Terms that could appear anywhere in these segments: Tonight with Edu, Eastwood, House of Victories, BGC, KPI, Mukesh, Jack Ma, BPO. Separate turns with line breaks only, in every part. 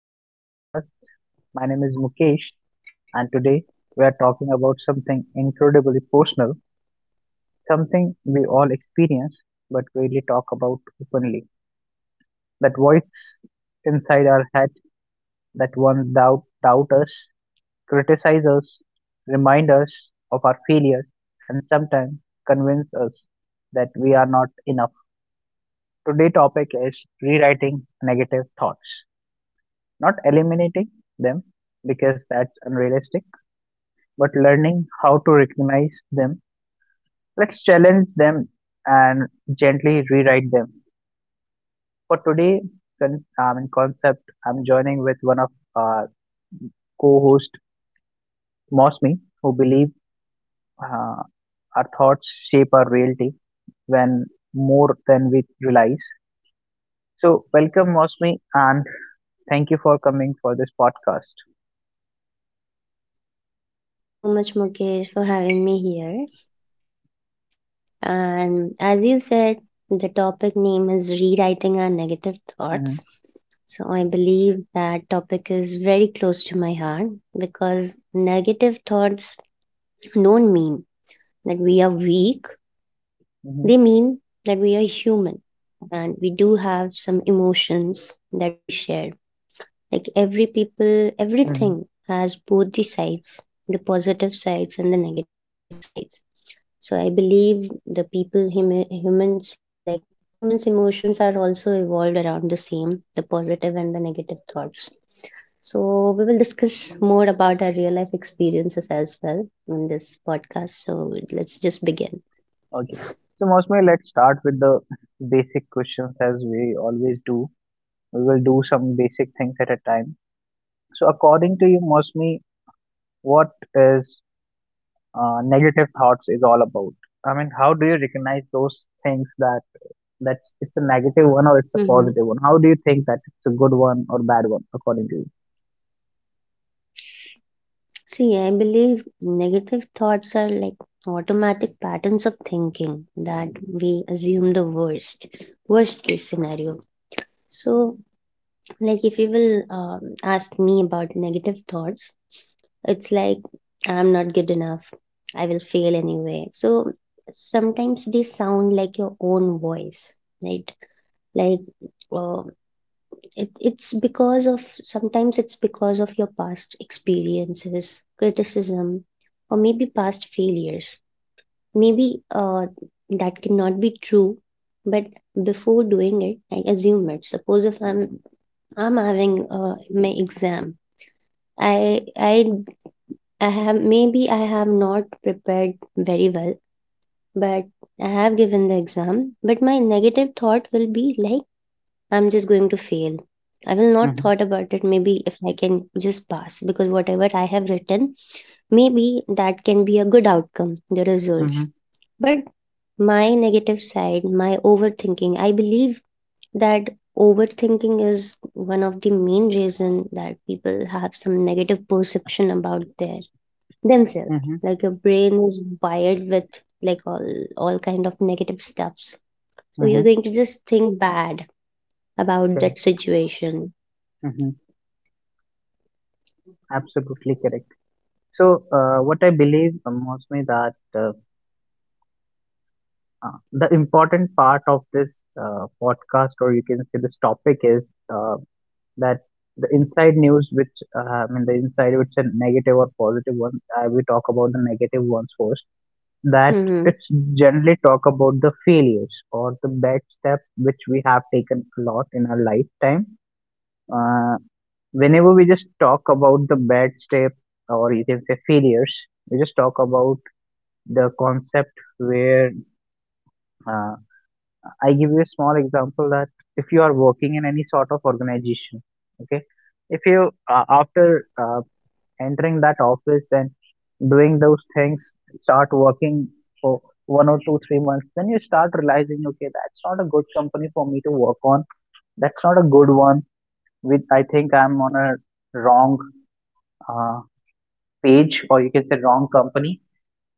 To the podcast. My name is Mukesh, and today we are talking about something incredibly personal, something we all experience but rarely talk about openly. That voice inside our head that once doubt, doubt us, criticize us, remind us of our failure, and sometimes convince us that we are not enough. Today's topic is rewriting negative thoughts, not eliminating them because that's unrealistic but learning how to recognize them. Let's challenge them and gently rewrite them. For today, concept, I'm joining with one of our co-host, Mosmi, who believe uh, our thoughts shape our reality when more than we realize. So, welcome, Mosmi, and thank you for coming for this podcast.
Thank you so much, Mukesh, for having me here. And as you said, the topic name is Rewriting Our Negative
Mm-hmm,
Thoughts. So I believe that topic is very close to my heart because negative thoughts don't mean that we are weak. They
mm-hmm,
mean that we are human and we do have some emotions that we share. Like every people,
mm-hmm.
everything has both the sides, the positive sides and the negative sides, so I believe the people, humans' emotions are also evolved around the same, the positive and the negative thoughts. So we will discuss more about our real life experiences as well in this podcast. So let's just begin.
Okay. So, Mosmi, let's start with the basic questions as we always do. We will do some basic things at a time. So, according to you, Mosmi, what is negative thoughts is all about? I mean, how do you recognize those things that it's a negative one or it's a
hmm
positive one? How do you think that it's a good one or bad one, according to you?
See, I believe negative thoughts are like automatic patterns of thinking that we assume worst case scenario. So Like, if you will ask me about negative thoughts, it's like, I'm not good enough. I will fail anyway. So sometimes they sound like your own voice, right? Like, uh, it's because of sometimes it's because of your past experiences, criticism, or maybe past failures. Maybe that cannot be true, but before doing it, I assume it. Suppose if I'm having my exam. I I I have maybe I have not prepared very well, but I have given the exam. But my negative thought will be like I'm just going to fail. I will not
Mhm,
thought about it. Maybe if I can just pass because whatever I have written, maybe that can be a good outcome, the
mhm,
results. But my negative side, my overthinking, I believe that overthinking is one of the main reason that people have some negative perception about their themselves.
mhm,
Like your brain is wired with like all kind of negative stuffs, so
mhm.
you're going to just think bad about
Correct.
that situation.
Mhm. Absolutely correct. So, what I believe, Mosme, that the important part of this podcast, or you can say this topic, is uh, that the inside news, which the inside, which is negative or positive one, I will talk about the negative ones first. That it's
Mm-hmm.
generally talk about the failures or the bad steps which we have taken a lot in our lifetime. Uh, Whenever we just talk about the bad step or you can say failures, we just talk about the concept where, uh, I give you a small example that if you are working in any sort of organization. Okay, if you after entering that office and doing those things, start working for 1 or 2 3 months, then you start realizing, okay, that's not a good company for me to work on. That's not a good one. With I think I'm on a wrong uh, page, or you can say wrong company.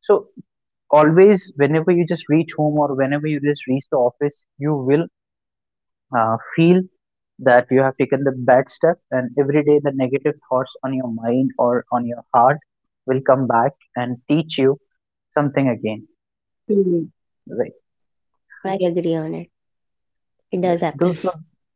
So always, whenever you just reach home or whenever you just reach the office, you will feel that you have taken the bad step, and every day the negative thoughts on your mind or on your heart will come back and teach you something again.
mm
Right?
I agree on it. It does
Those
happen.
are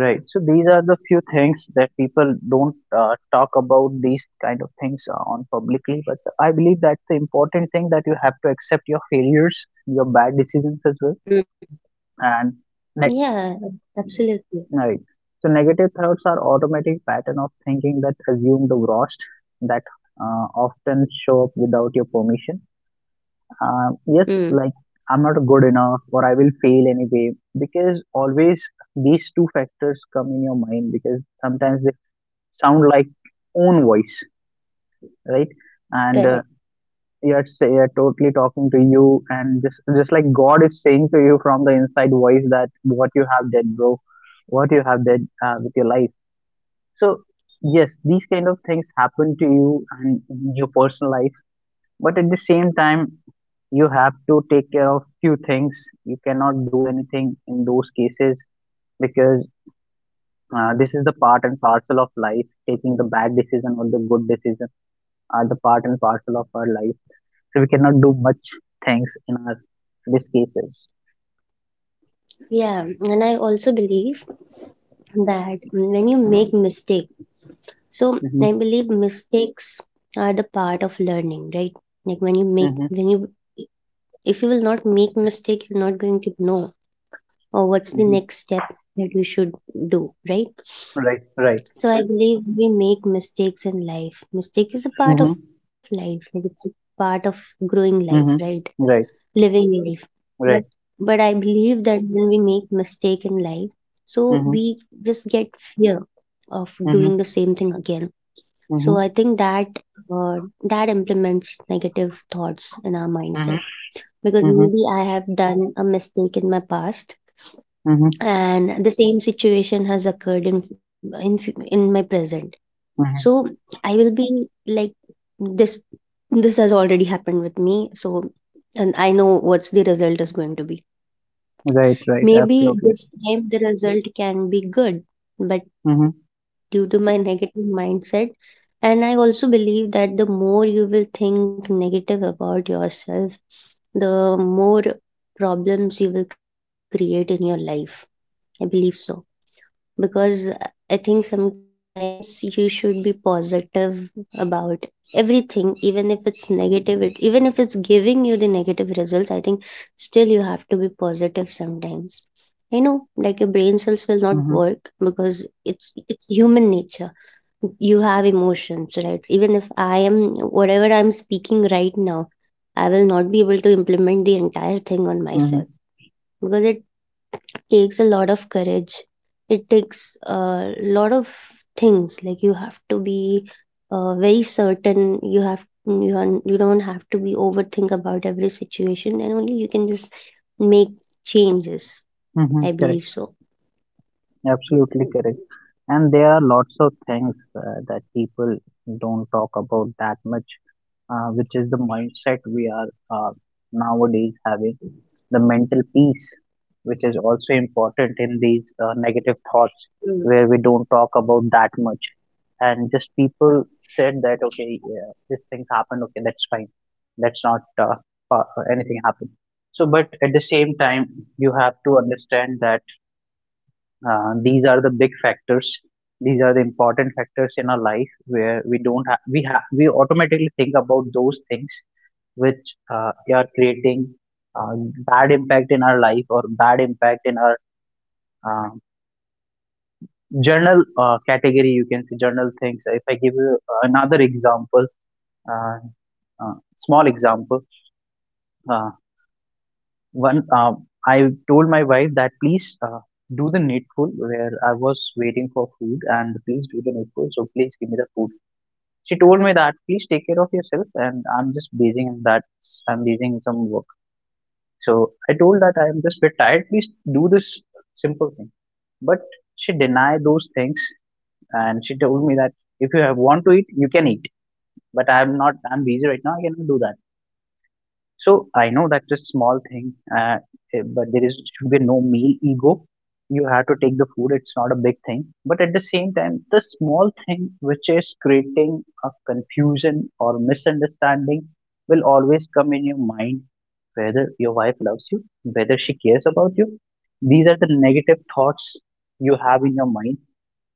right. So these are the few things that people don't talk about, these kind of things on publicly, but I believe that's the important thing, that you have to accept your failures, your bad decisions as well,
Mm.
and ne-
Yeah, absolutely.
right. So negative thoughts are automatic pattern of thinking that assume the worst, that often show up without your permission. Yes,
mm,
like I'm not good enough or I will fail anyway, because always these two factors come in your mind, because sometimes they sound like own voice, right? And
Correct.
you're say you're totally talking to you, and just like God is saying to you from the inside voice that what you have did, bro, what you have did with your life. So yes, these kind of things happen to you and in your personal life, but at the same time, you have to take care of few things. You cannot do anything in those cases because, this is the part and parcel of life. Taking the bad decision or the good decision are the part and parcel of our life, so we cannot do much things in our these cases.
Yeah, and I also believe that when you make mistake. So
Mm-hmm,
I believe mistakes are the part of learning, right? Like when you make
mm-hmm,
when you if you will not make mistake, you're not going to know or what's the
mm-hmm.
next step that you should do, right?
Right, right.
So I believe we make mistakes in life. Mistake is a part of
Mm-hmm,
life. Like it's a part of growing life, right?
mm-hmm. Right,
Living life. But
right.
but I believe that when we make mistake in life, so we
Mm-hmm,
just get fear of doing the
mm-hmm,
same thing again, so I
mm-hmm,
think that uh, that implements negative thoughts in our mindset
mm-hmm,
because
mm-hmm,
maybe I have done a mistake in my past
mm-hmm,
and the same situation has occurred in in my present. So
mm-hmm.
I will be like this this has already happened with me, so and I know what's the result is going to be.
Right, right.
Maybe
Absolutely.
this time the result can be good, but
Mm-hmm,
due to my negative mindset, and I also believe that the more you will think negative about yourself, the more problems you will create in your life. I believe so because I think sometimes you should be positive about everything, even if it's negative, even if it's giving you the negative results, I think still you have to be positive sometimes. I know, like your brain cells will not
mm-hmm,
work because it's human nature. You have emotions, right? Even if I am whatever I'm speaking right now, I will not be able to implement the entire thing on
mm-hmm,
myself because it takes a lot of courage. It takes a lot of things. Like you have to be very certain. You don't have to be overthink about every situation, and only you can just make changes.
mm-hmm.
I
Correct.
believe so.
Absolutely
Mm,
correct. And there are lots of things that people don't talk about that much, which is the mindset we are uh, nowadays having. The mental peace, which is also important in these negative thoughts, where we don't talk about that much. And just people said that, okay, yeah, this thing happened, okay, that's fine. That's not uh, anything happened. So, but at the same time, you have to understand that these are the big factors. These are the important factors in our life where we don't have, we automatically think about those things which are creating uh, bad impact in our life or bad impact in our uh, journal category. You can see journal things. If I give you another example, uh, small example, uh, one I told my wife that, please, do the needful, where I was waiting for food, and please do the needful, so please give me the food. She told me that, please take care of yourself, and I'm just busy in that. I'm busy in some work. So I told that I am just a bit tired. Please do this simple thing. But she denied those things, and she told me that if you have want to eat, you can eat. But I'm not. I'm busy right now. I cannot do that. So I know that's a small thing, but there is should be no male ego. You have to take the food; it's not a big thing. But at the same time, the small thing which is creating a confusion or misunderstanding will always come in your mind. Whether your wife loves you, whether she cares about you, these are the negative thoughts you have in your mind.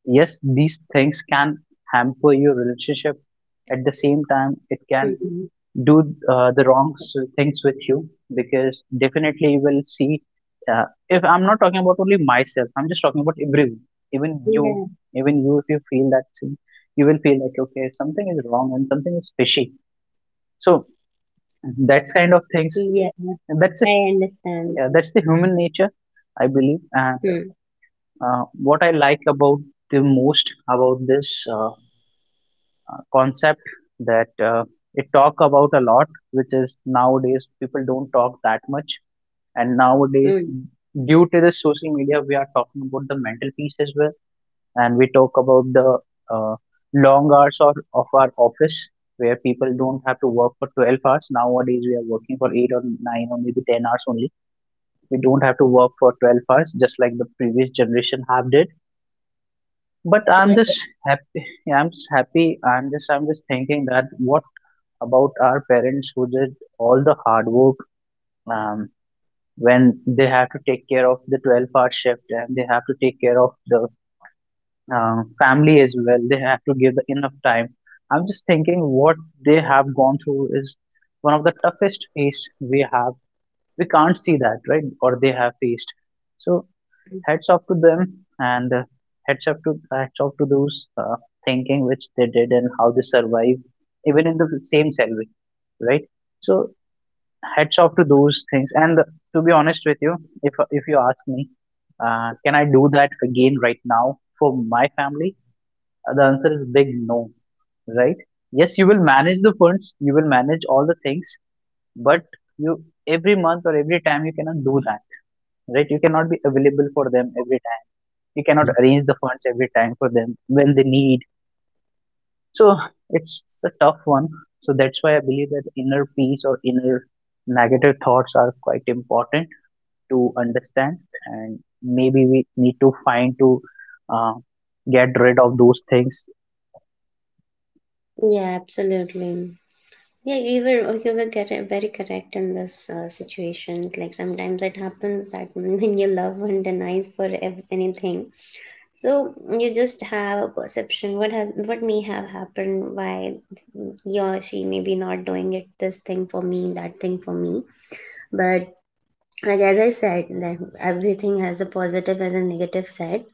Yes, these things can hamper your relationship. At the same time,
mm,
it
mm.
can do the wrong things with you, because definitely you will see. If I'm not talking about only myself, I'm just talking about everyone, even
Yeah,
you, even you. If you feel that thing, you will feel like, okay, something is wrong and something is fishy. So that's kind of things.
yeah,
And
I
that's it.
understand.
Yeah, that's the human nature, I believe. And
Mm,
what I like about the most about this. Concept that it talk about a lot, which is nowadays people don't talk that much. And nowadays,
mm.
due to the social media, we are talking about the mental piece as well, and we talk about the uh, long hours or of our office, where people don't have to work for 12 hours. Nowadays we are working for 8 or 9 or maybe 10 hours only. We don't have to work for 12 hours just like the previous generation have did. But I'm just
Yeah,
happy, I'm just happy. I'm just thinking that what about our parents who did all the hard work? um, when they have to take care of the 12-hour shift and they have to take care of the family as well. They have to give the enough time. I'm just thinking what they have gone through is one of the toughest phase we have. We can't see that, right? Or they have faced. So heads off to them, and heads off to those thinking which they did and how they survived, even in the same salary, right? So hats off to those things. And to be honest with you, if you ask me, can I do that again right now for my family? The answer is big no, right? Yes, you will manage the funds, you will manage all the things, but you every month or every time you cannot do that, right? You cannot be available for them every time. You cannot arrange the funds every time for them when they need. So it's a tough one. So that's why I believe that inner peace or inner negative thoughts are quite important to understand, and maybe we need to find to uh, get rid of those things.
yeah, absolutely. Yeah, very correct in this situation. Like sometimes it happens that when your loved one denies for anything, so you just have a perception what has what may have happened, why he or she may be not doing it this thing for me, that thing for me, but like as I said, that everything has a positive and a negative side.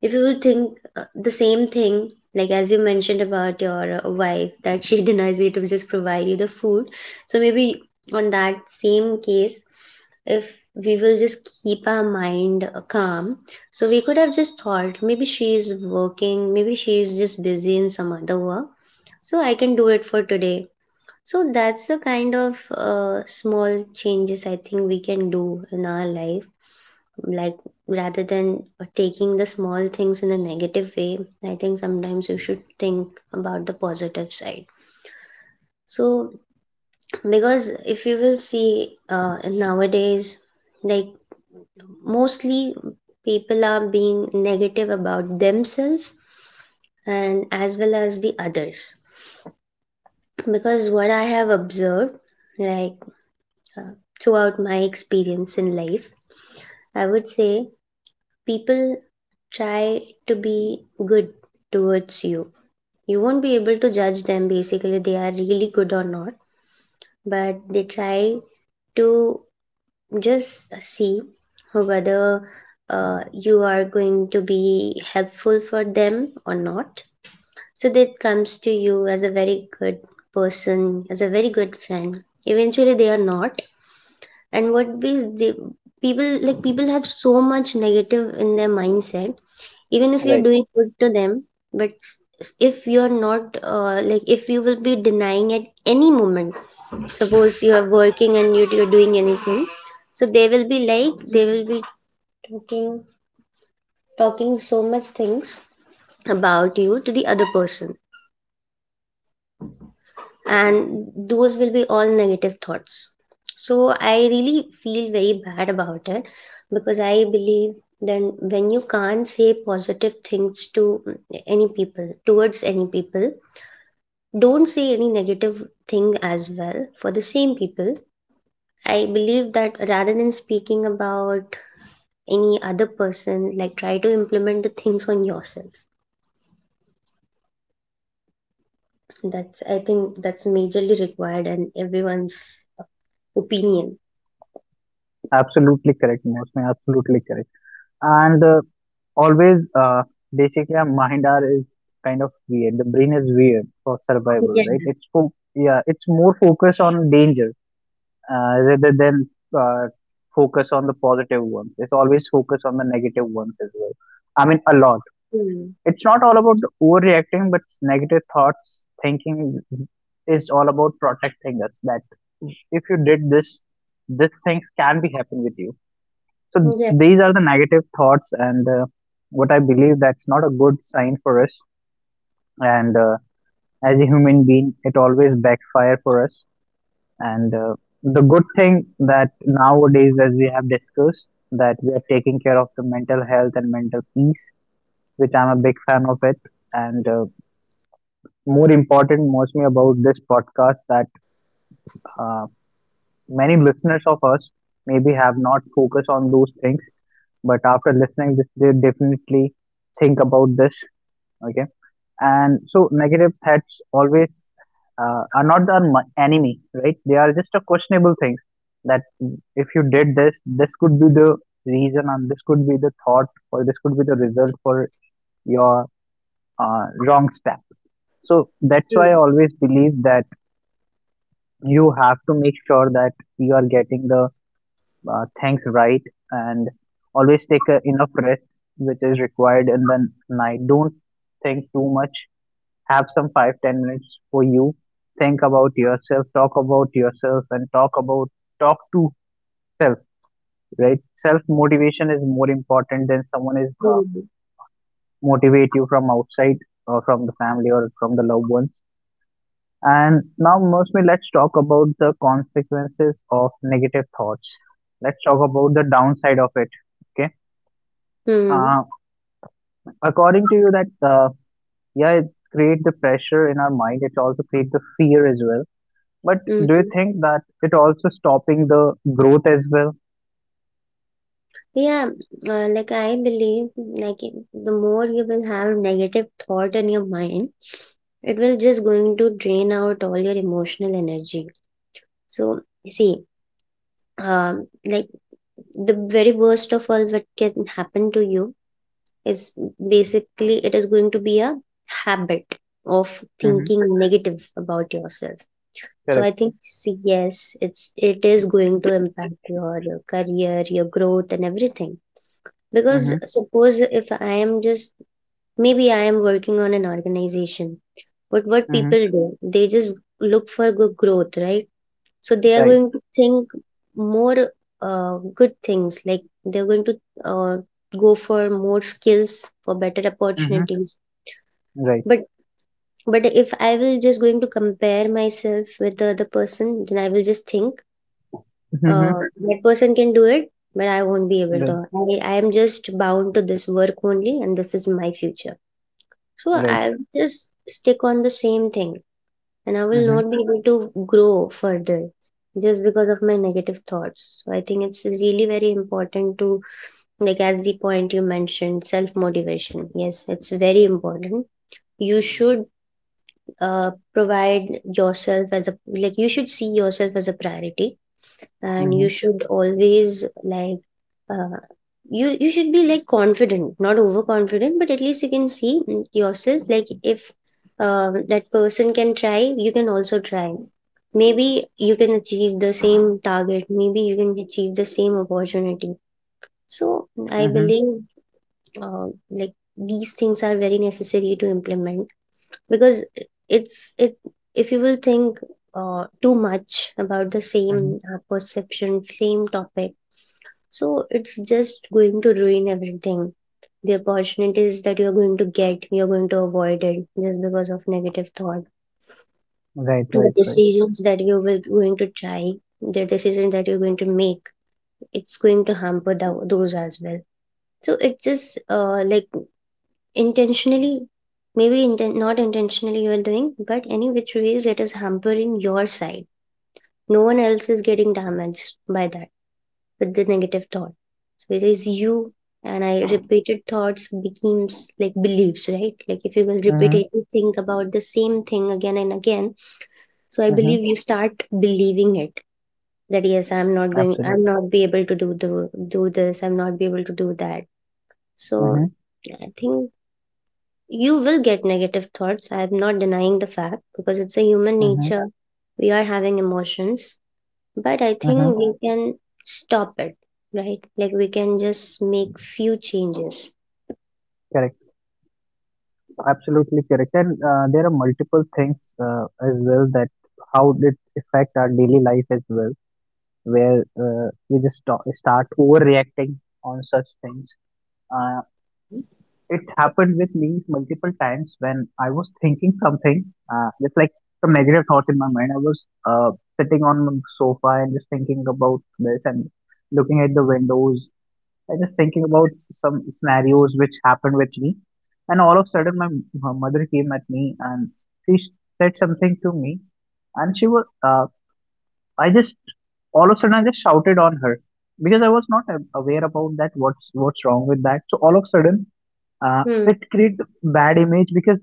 If you think the same thing, like as you mentioned about your wife, that she denies you to just provide you the food. So maybe on that same case, if we will just keep our mind calm, so we could have just thought maybe she is working, maybe she is just busy in some other work. So I can do it for today, so that's the kind of small changes I think we can do in our life. Like rather than taking the small things in a negative way, I think sometimes you should think about the positive side. So because if you will see nowadays, like mostly people are being negative about themselves and as well as the others. Because what I have observed, like uh, throughout my experience in life. I would say people try to be good towards you. You won't be able to judge them basically, they are really good or not, but they try to just see whether you are going to be helpful for them or not. So that comes to you as a very good person, as a very good friend. Eventually, they are not, and what we the people like people have so much negative in their mindset even if you're
Right,
doing good to them. But if you're not like if you will be denying at any moment, suppose you are working and you're doing anything, so they will be talking talking so much things about you to the other person, and those will be all negative thoughts. So I really feel very bad about it because I believe then when you can't say positive things to any people towards any people, don't say any negative thing as well for the same people. I believe that rather than speaking about any other person, like try to implement the things on yourself. That's I think that's majorly required and everyone's opinion.
absolutely correct, Mosme, absolutely correct. And always basically our mind are is kind of weird. The brain is weird for survival, right?
Yeah.
Yeah, it's more focused on danger, rather than uh, focus on the positive ones. It's always focus on the negative ones as well, I mean, a lot.
Hmm.
It's not all about overreacting, but negative thoughts thinking is all about protecting us. That if you did this, this things can be happen with you. So
Yeah.
these are the negative thoughts, and what I believe, that's not a good sign for us. And as a human being, it always backfire for us. And the good thing that nowadays, as we have discussed, that we are taking care of the mental health and mental peace, which I'm a big fan of it. And more important mostly about this podcast that uh, many listeners of us maybe have not focused on those things, but after listening this they definitely think about this. Okay. And so negative thoughts always are not the enemy, right? They are just a questionable things that if you did this, this could be the reason, and this could be the thought, or this could be the result for your wrong step. So that's why I
Mm,
always believe that you have to make sure that you are getting the things right, and always take a, enough rest which is required in the night. Don't think too much. Have some 5, 10 minutes for you. Think about yourself, talk about yourself, and talk to self, right? Self motivation is more important than someone is
mm,
motivate you from outside, or from the family or from the loved ones. And now, mostly, let's talk about the consequences of negative thoughts. Let's talk about the downside of it. Okay.
mm,
Uh, According to you, that yeah, it create the pressure in our mind. It also create the fear as well. But do you
mhm.
think that it also stopping the growth as well?
Yeah, like I believe, the more you will have negative thought in your mind, it will just going to drain out all your emotional energy. So, see, like the very worst of all what can happen to you is basically it is going to be a habit of
Mm-hmm.
thinking negative about yourself. So I
Correct.
think yes, it is going to impact your career, your growth, and everything. Because
Mm-hmm.
suppose if I am just maybe I am working on an organization, but what
Mm-hmm.
people do, they just look for good growth, right? So they are
Right.
going to think more good things, like they're going to uh, go for more skills for better
Mm-hmm.
opportunities.
Right.
But but if I will just going to compare myself with the other person, then I will just think
Mm-hmm.
that person can do it, but I won't be able
Right.
to. I am just bound to this work only, and this is my future. So
Right.
I'll just stick on the same thing, and I will
Mm-hmm.
not be able to grow further just because of my negative thoughts. So I think it's really very important to, like, as the point you mentioned, self motivation. Yes, it's very important. You should provide yourself as a, like, you should see yourself as a priority, and you
Mm-hmm.
should always like uh, you you should be like confident not overconfident, but at least you can see yourself like if that person can try, you can also try. Maybe you can achieve the same target, maybe you can achieve the same opportunity. So I
Mm-hmm.
believe like these things are very necessary to implement because it's it if you will think too much about the
Mm-hmm.
same perception, same topic, so it's just going to ruin everything. The opportunities that you're going to get, you're going to avoid it just because of negative thought.
Right.
The
Right. Right.
decisions that you will going to try, the decisions that you're going to make, it's going to hamper those as well. So it's just like intentionally, maybe not intentionally you are doing, but any which ways it is hampering your side. No one else is getting damaged by that, with the negative thought. So it is you. And I repeated thoughts becomes like beliefs, right? Like if you will
Mm-hmm.
repeatedly think about the same thing again and again, so I
Mm-hmm.
believe you start believing it, that yes, I'm
Absolutely.
not be able to do the do this, I'm not be able to do that. So
Mm-hmm.
I think you will get negative thoughts. I am not denying the fact because it's a human nature. We are having emotions, but I
Mm-hmm.
think we can stop it, right? Like we can just make few changes.
Correct. Absolutely correct. And there are multiple things as well, that how it affect our daily life as well, where we just start overreacting on such things. Uh, it happened with me multiple times when I was thinking something, just like some negative thoughts in my mind. I was sitting on the sofa and just thinking about this and looking at the windows. I just thinking about some scenarios which happened with me, and all of a sudden my mother came at me and she s- said something to me, and she was I just all of a sudden I just shouted on her because I was not aware about that, what's wrong with that. So all of a sudden
Hmm.
it creates bad image because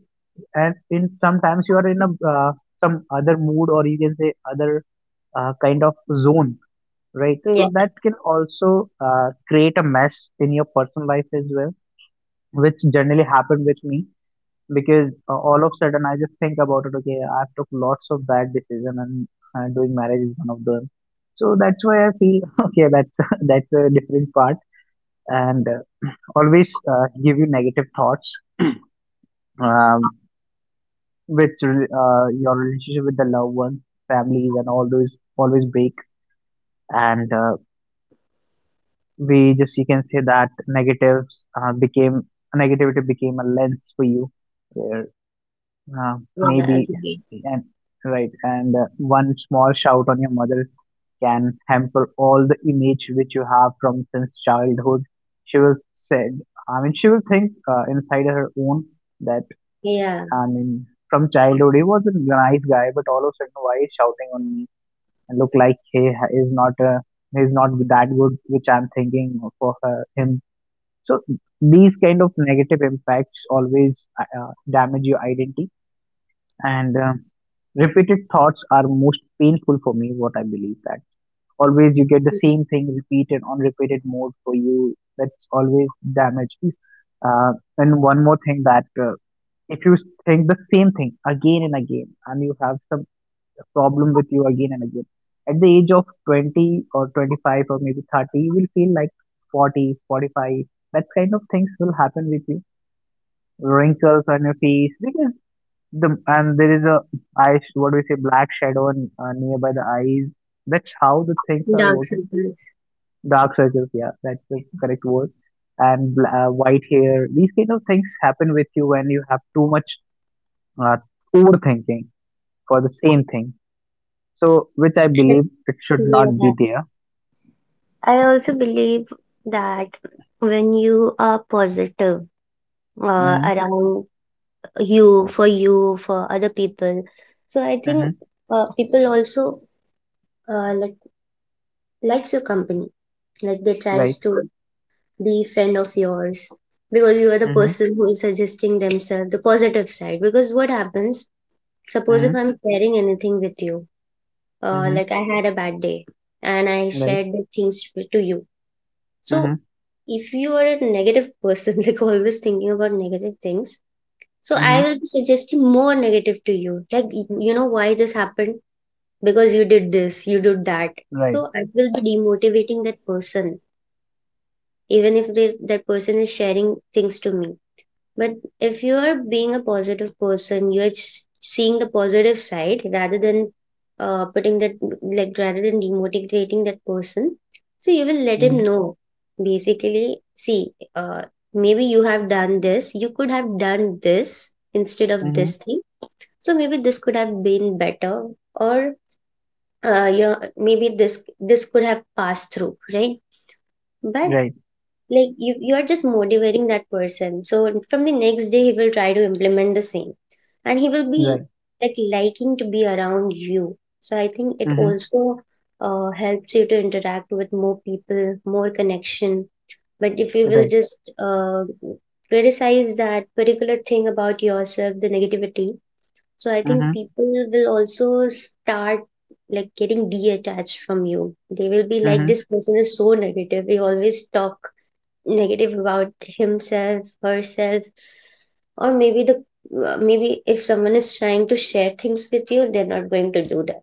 and in sometimes you are in a some other mood, or you can say other kind of zone, right?
Yeah.
So that can also create a mess in your personal life as well, which generally happened with me, because all of a sudden I just think about it. Okay, I've took lots of bad decision, and doing marriage is one of them. So that's why I feel okay. That's that's a different part, and always give you negative thoughts um, with your relationship with the loved ones, families, and all those always break. And we just you can say that negatives became negativity became a lens for you, where
Yeah.
maybe
Agree.
and right, and one small shout on your mother can hamper all the image which you have from since childhood. She will said, I mean she will think, inside her own, that
Yeah.
I mean from childhood he was a nice guy, but all of a sudden why is shouting on me, and look like he is not a he's not that good which I'm thinking for her, him. So these kind of negative impacts always damage your identity, and repeated thoughts are most painful for me. What I believe that always you get the same thing repeated on repeated mode for you. That's always damage. Uh, and one more thing that if you think the same thing again and again, and you have some problem with you again and again. At the age of 20 or 25 or maybe 30, you will feel like 40, 45. That kind of things will happen with you. Wrinkles on your face, because the and there is a eye, what do we say, black shadow on, nearby the eyes. That's how the things are
Dark
working.
circles.
Dark circles, yeah, that's the correct word. And white hair. These kind of things happen with you when you have too much uh, overthinking for the same thing. So, which I believe it should not
Yeah.
be there.
I also believe that when you are positive
Mhm,
around you, for you, for other people, so I think
mhm.
people also uh, like likes your company. Like they
Right?
tries to be friend of yours because you are the
Mhm,
person who is suggesting themselves the positive side. Because what happens? Suppose if
mhm,
I'm sharing anything with you,
mhm.
like I had a bad day and I
Right,
shared the things to you. So
mhm,
if you are a negative person, like always thinking about negative things, so I
mhm,
will be suggesting more negative to you. Like you know why this happened? Because you did this, you did that.
right,
So I will be demotivating that person even if they, that person is sharing things to me, but if you are being a positive person, you're just seeing the positive side rather than putting that, like rather than demotivating that person. So you will let him
mhm,
know, basically, see, uh, maybe you have done this, you could have done this instead of
mhm,
this thing. So maybe this could have been better, or yeah, maybe this could have passed through, right? But
right,
like you are just motivating that person, so from the next day he will try to implement the same and he will be
right,
like liking to be around you. So I think it
mhm,
also helps you to interact with more people, more connection. But if you will
right,
just criticize that particular thing about yourself, the negativity, so I think
mhm,
people will also start like getting detached from you. They will be like,
mhm,
this person is so negative, they always talk negative about himself, herself, or maybe the maybe if someone is trying to share things with you, they're not going to do that.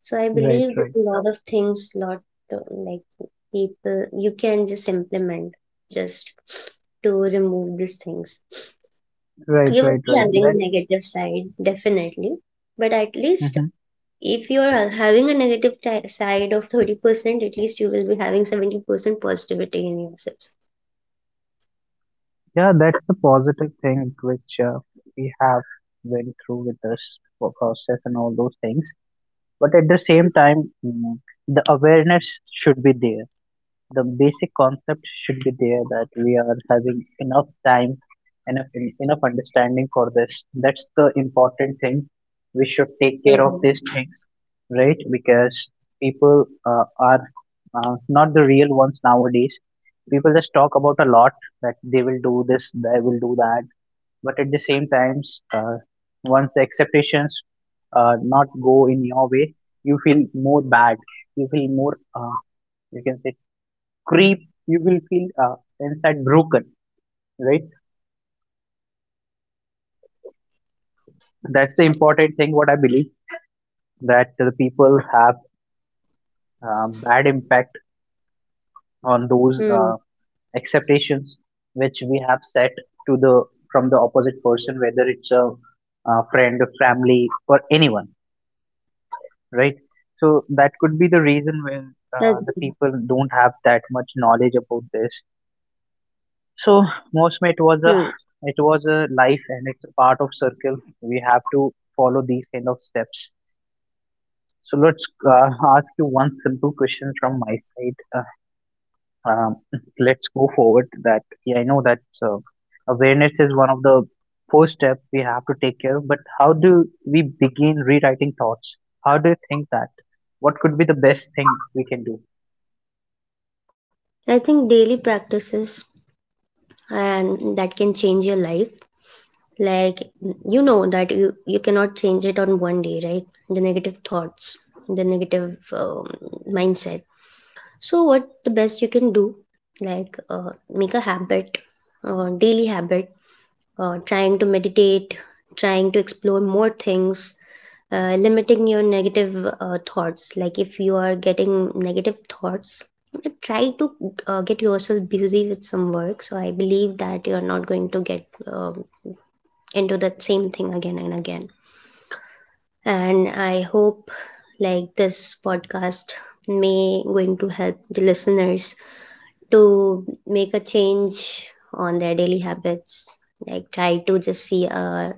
So I
right,
believe that a lot of things, lot uh, like people, you can just implement, just to remove these things.
right,
You will
right,
be
right,
having
right.
a negative side definitely, but at
That
least
mhm.
if you are having a negative ti side of 30%, at least you will be having 70% positivity in yourself.
Yeah, that's a positive thing which we have went through with this process and all those things. But at the same time, mm, the awareness should be there. The basic concept should be there, that we are having enough time, enough, enough understanding for this. That's the important thing. We should take care of these things, right? Because people are not the real ones nowadays. People just talk about a lot, that they will do this, they will do that, but at the same times once the expectations not go in your way, you feel more bad, you feel more uh, you can say creep, you will feel inside broken, right?
Absolutely.
That's the important thing. What I believe, that the people have bad impact
Hmm.
on those expectations which we have set to the from the opposite person, whether it's a, friend, a family, or anyone, right? So that could be
That's.
the reason when the people don't have that much knowledge about this. So
Hmm.
mostly it was a life, and it's a part of circle. We have to follow these kind of steps. So let's ask you one simple question from my side. Um, let's go forward. That yeah, I know that awareness is one of the first step we have to take care of. But how do we begin rewriting thoughts? How do you think that? What could be the best thing we can do?
I think daily practices and that can change your life. Like, you know that you cannot change it on one day, right? The negative thoughts, the negative mindset. So what the best you can do, like make a habit, daily habit, trying to meditate, trying to explore more things, limiting your negative thoughts. Like if you are getting negative thoughts, try to get yourself busy with some work. So I believe that you are not going to get um into that same thing again and again. And I hope like this podcast may going to help the listeners to make a change on their daily habits, like try to just see a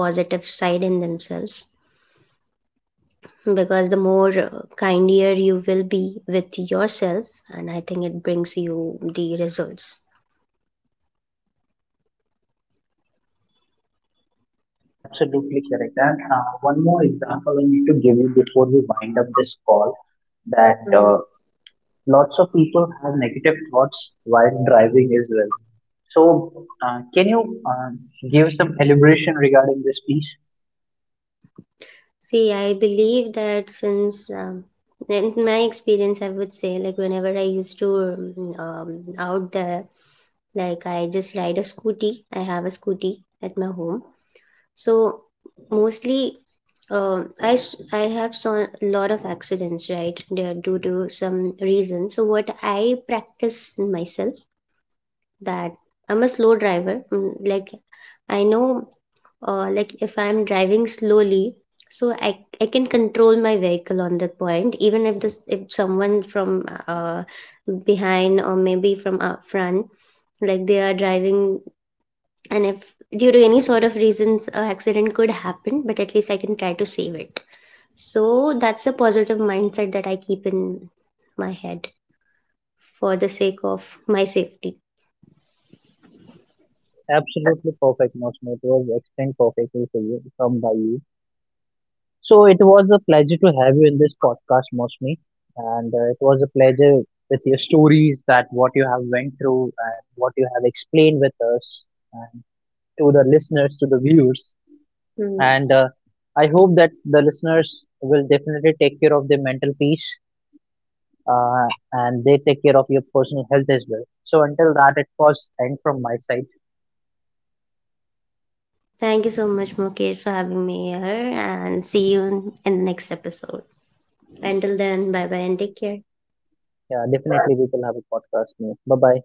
positive side in themselves, because the more kinder you will be with yourself, and I think it brings you the results.
Absolutely correct. And one more example I need to give you before we wind up this call, that lots of people have negative thoughts while driving as well. So, can you give some elaboration regarding this piece?
See, I believe that since in my experience I would say, like whenever I used to out there, like I just ride a scooty, I have a scooty at my home. So mostly, I have saw a lot of accidents, right, there due to some reason. So what I practice myself, that I'm a slow driver. Like I know, like if I'm driving slowly, so I can control my vehicle on the point, even if this if someone from behind or maybe from up front, like they are driving, and if due to any sort of reasons a accident could happen, but at least I can try to save it. So that's a positive mindset that I keep in my head for the sake of my safety.
Absolutely perfect, Mosme. It was explained perfectly for you from by you. So it was a pleasure to have you in this podcast, Mosme, and it was a pleasure with your stories that what you have went through and what you have explained with us. And to the listeners, to the viewers.
Hmm.
And I hope that the listeners will definitely take care of their mental peace, and they take care of your personal health as well. So until that, it was end from my side.
Thank you so much, Mukesh, for having me here, and see you in the next episode. Until then, bye bye and take care.
Yeah, definitely we will have a podcast. Bye bye.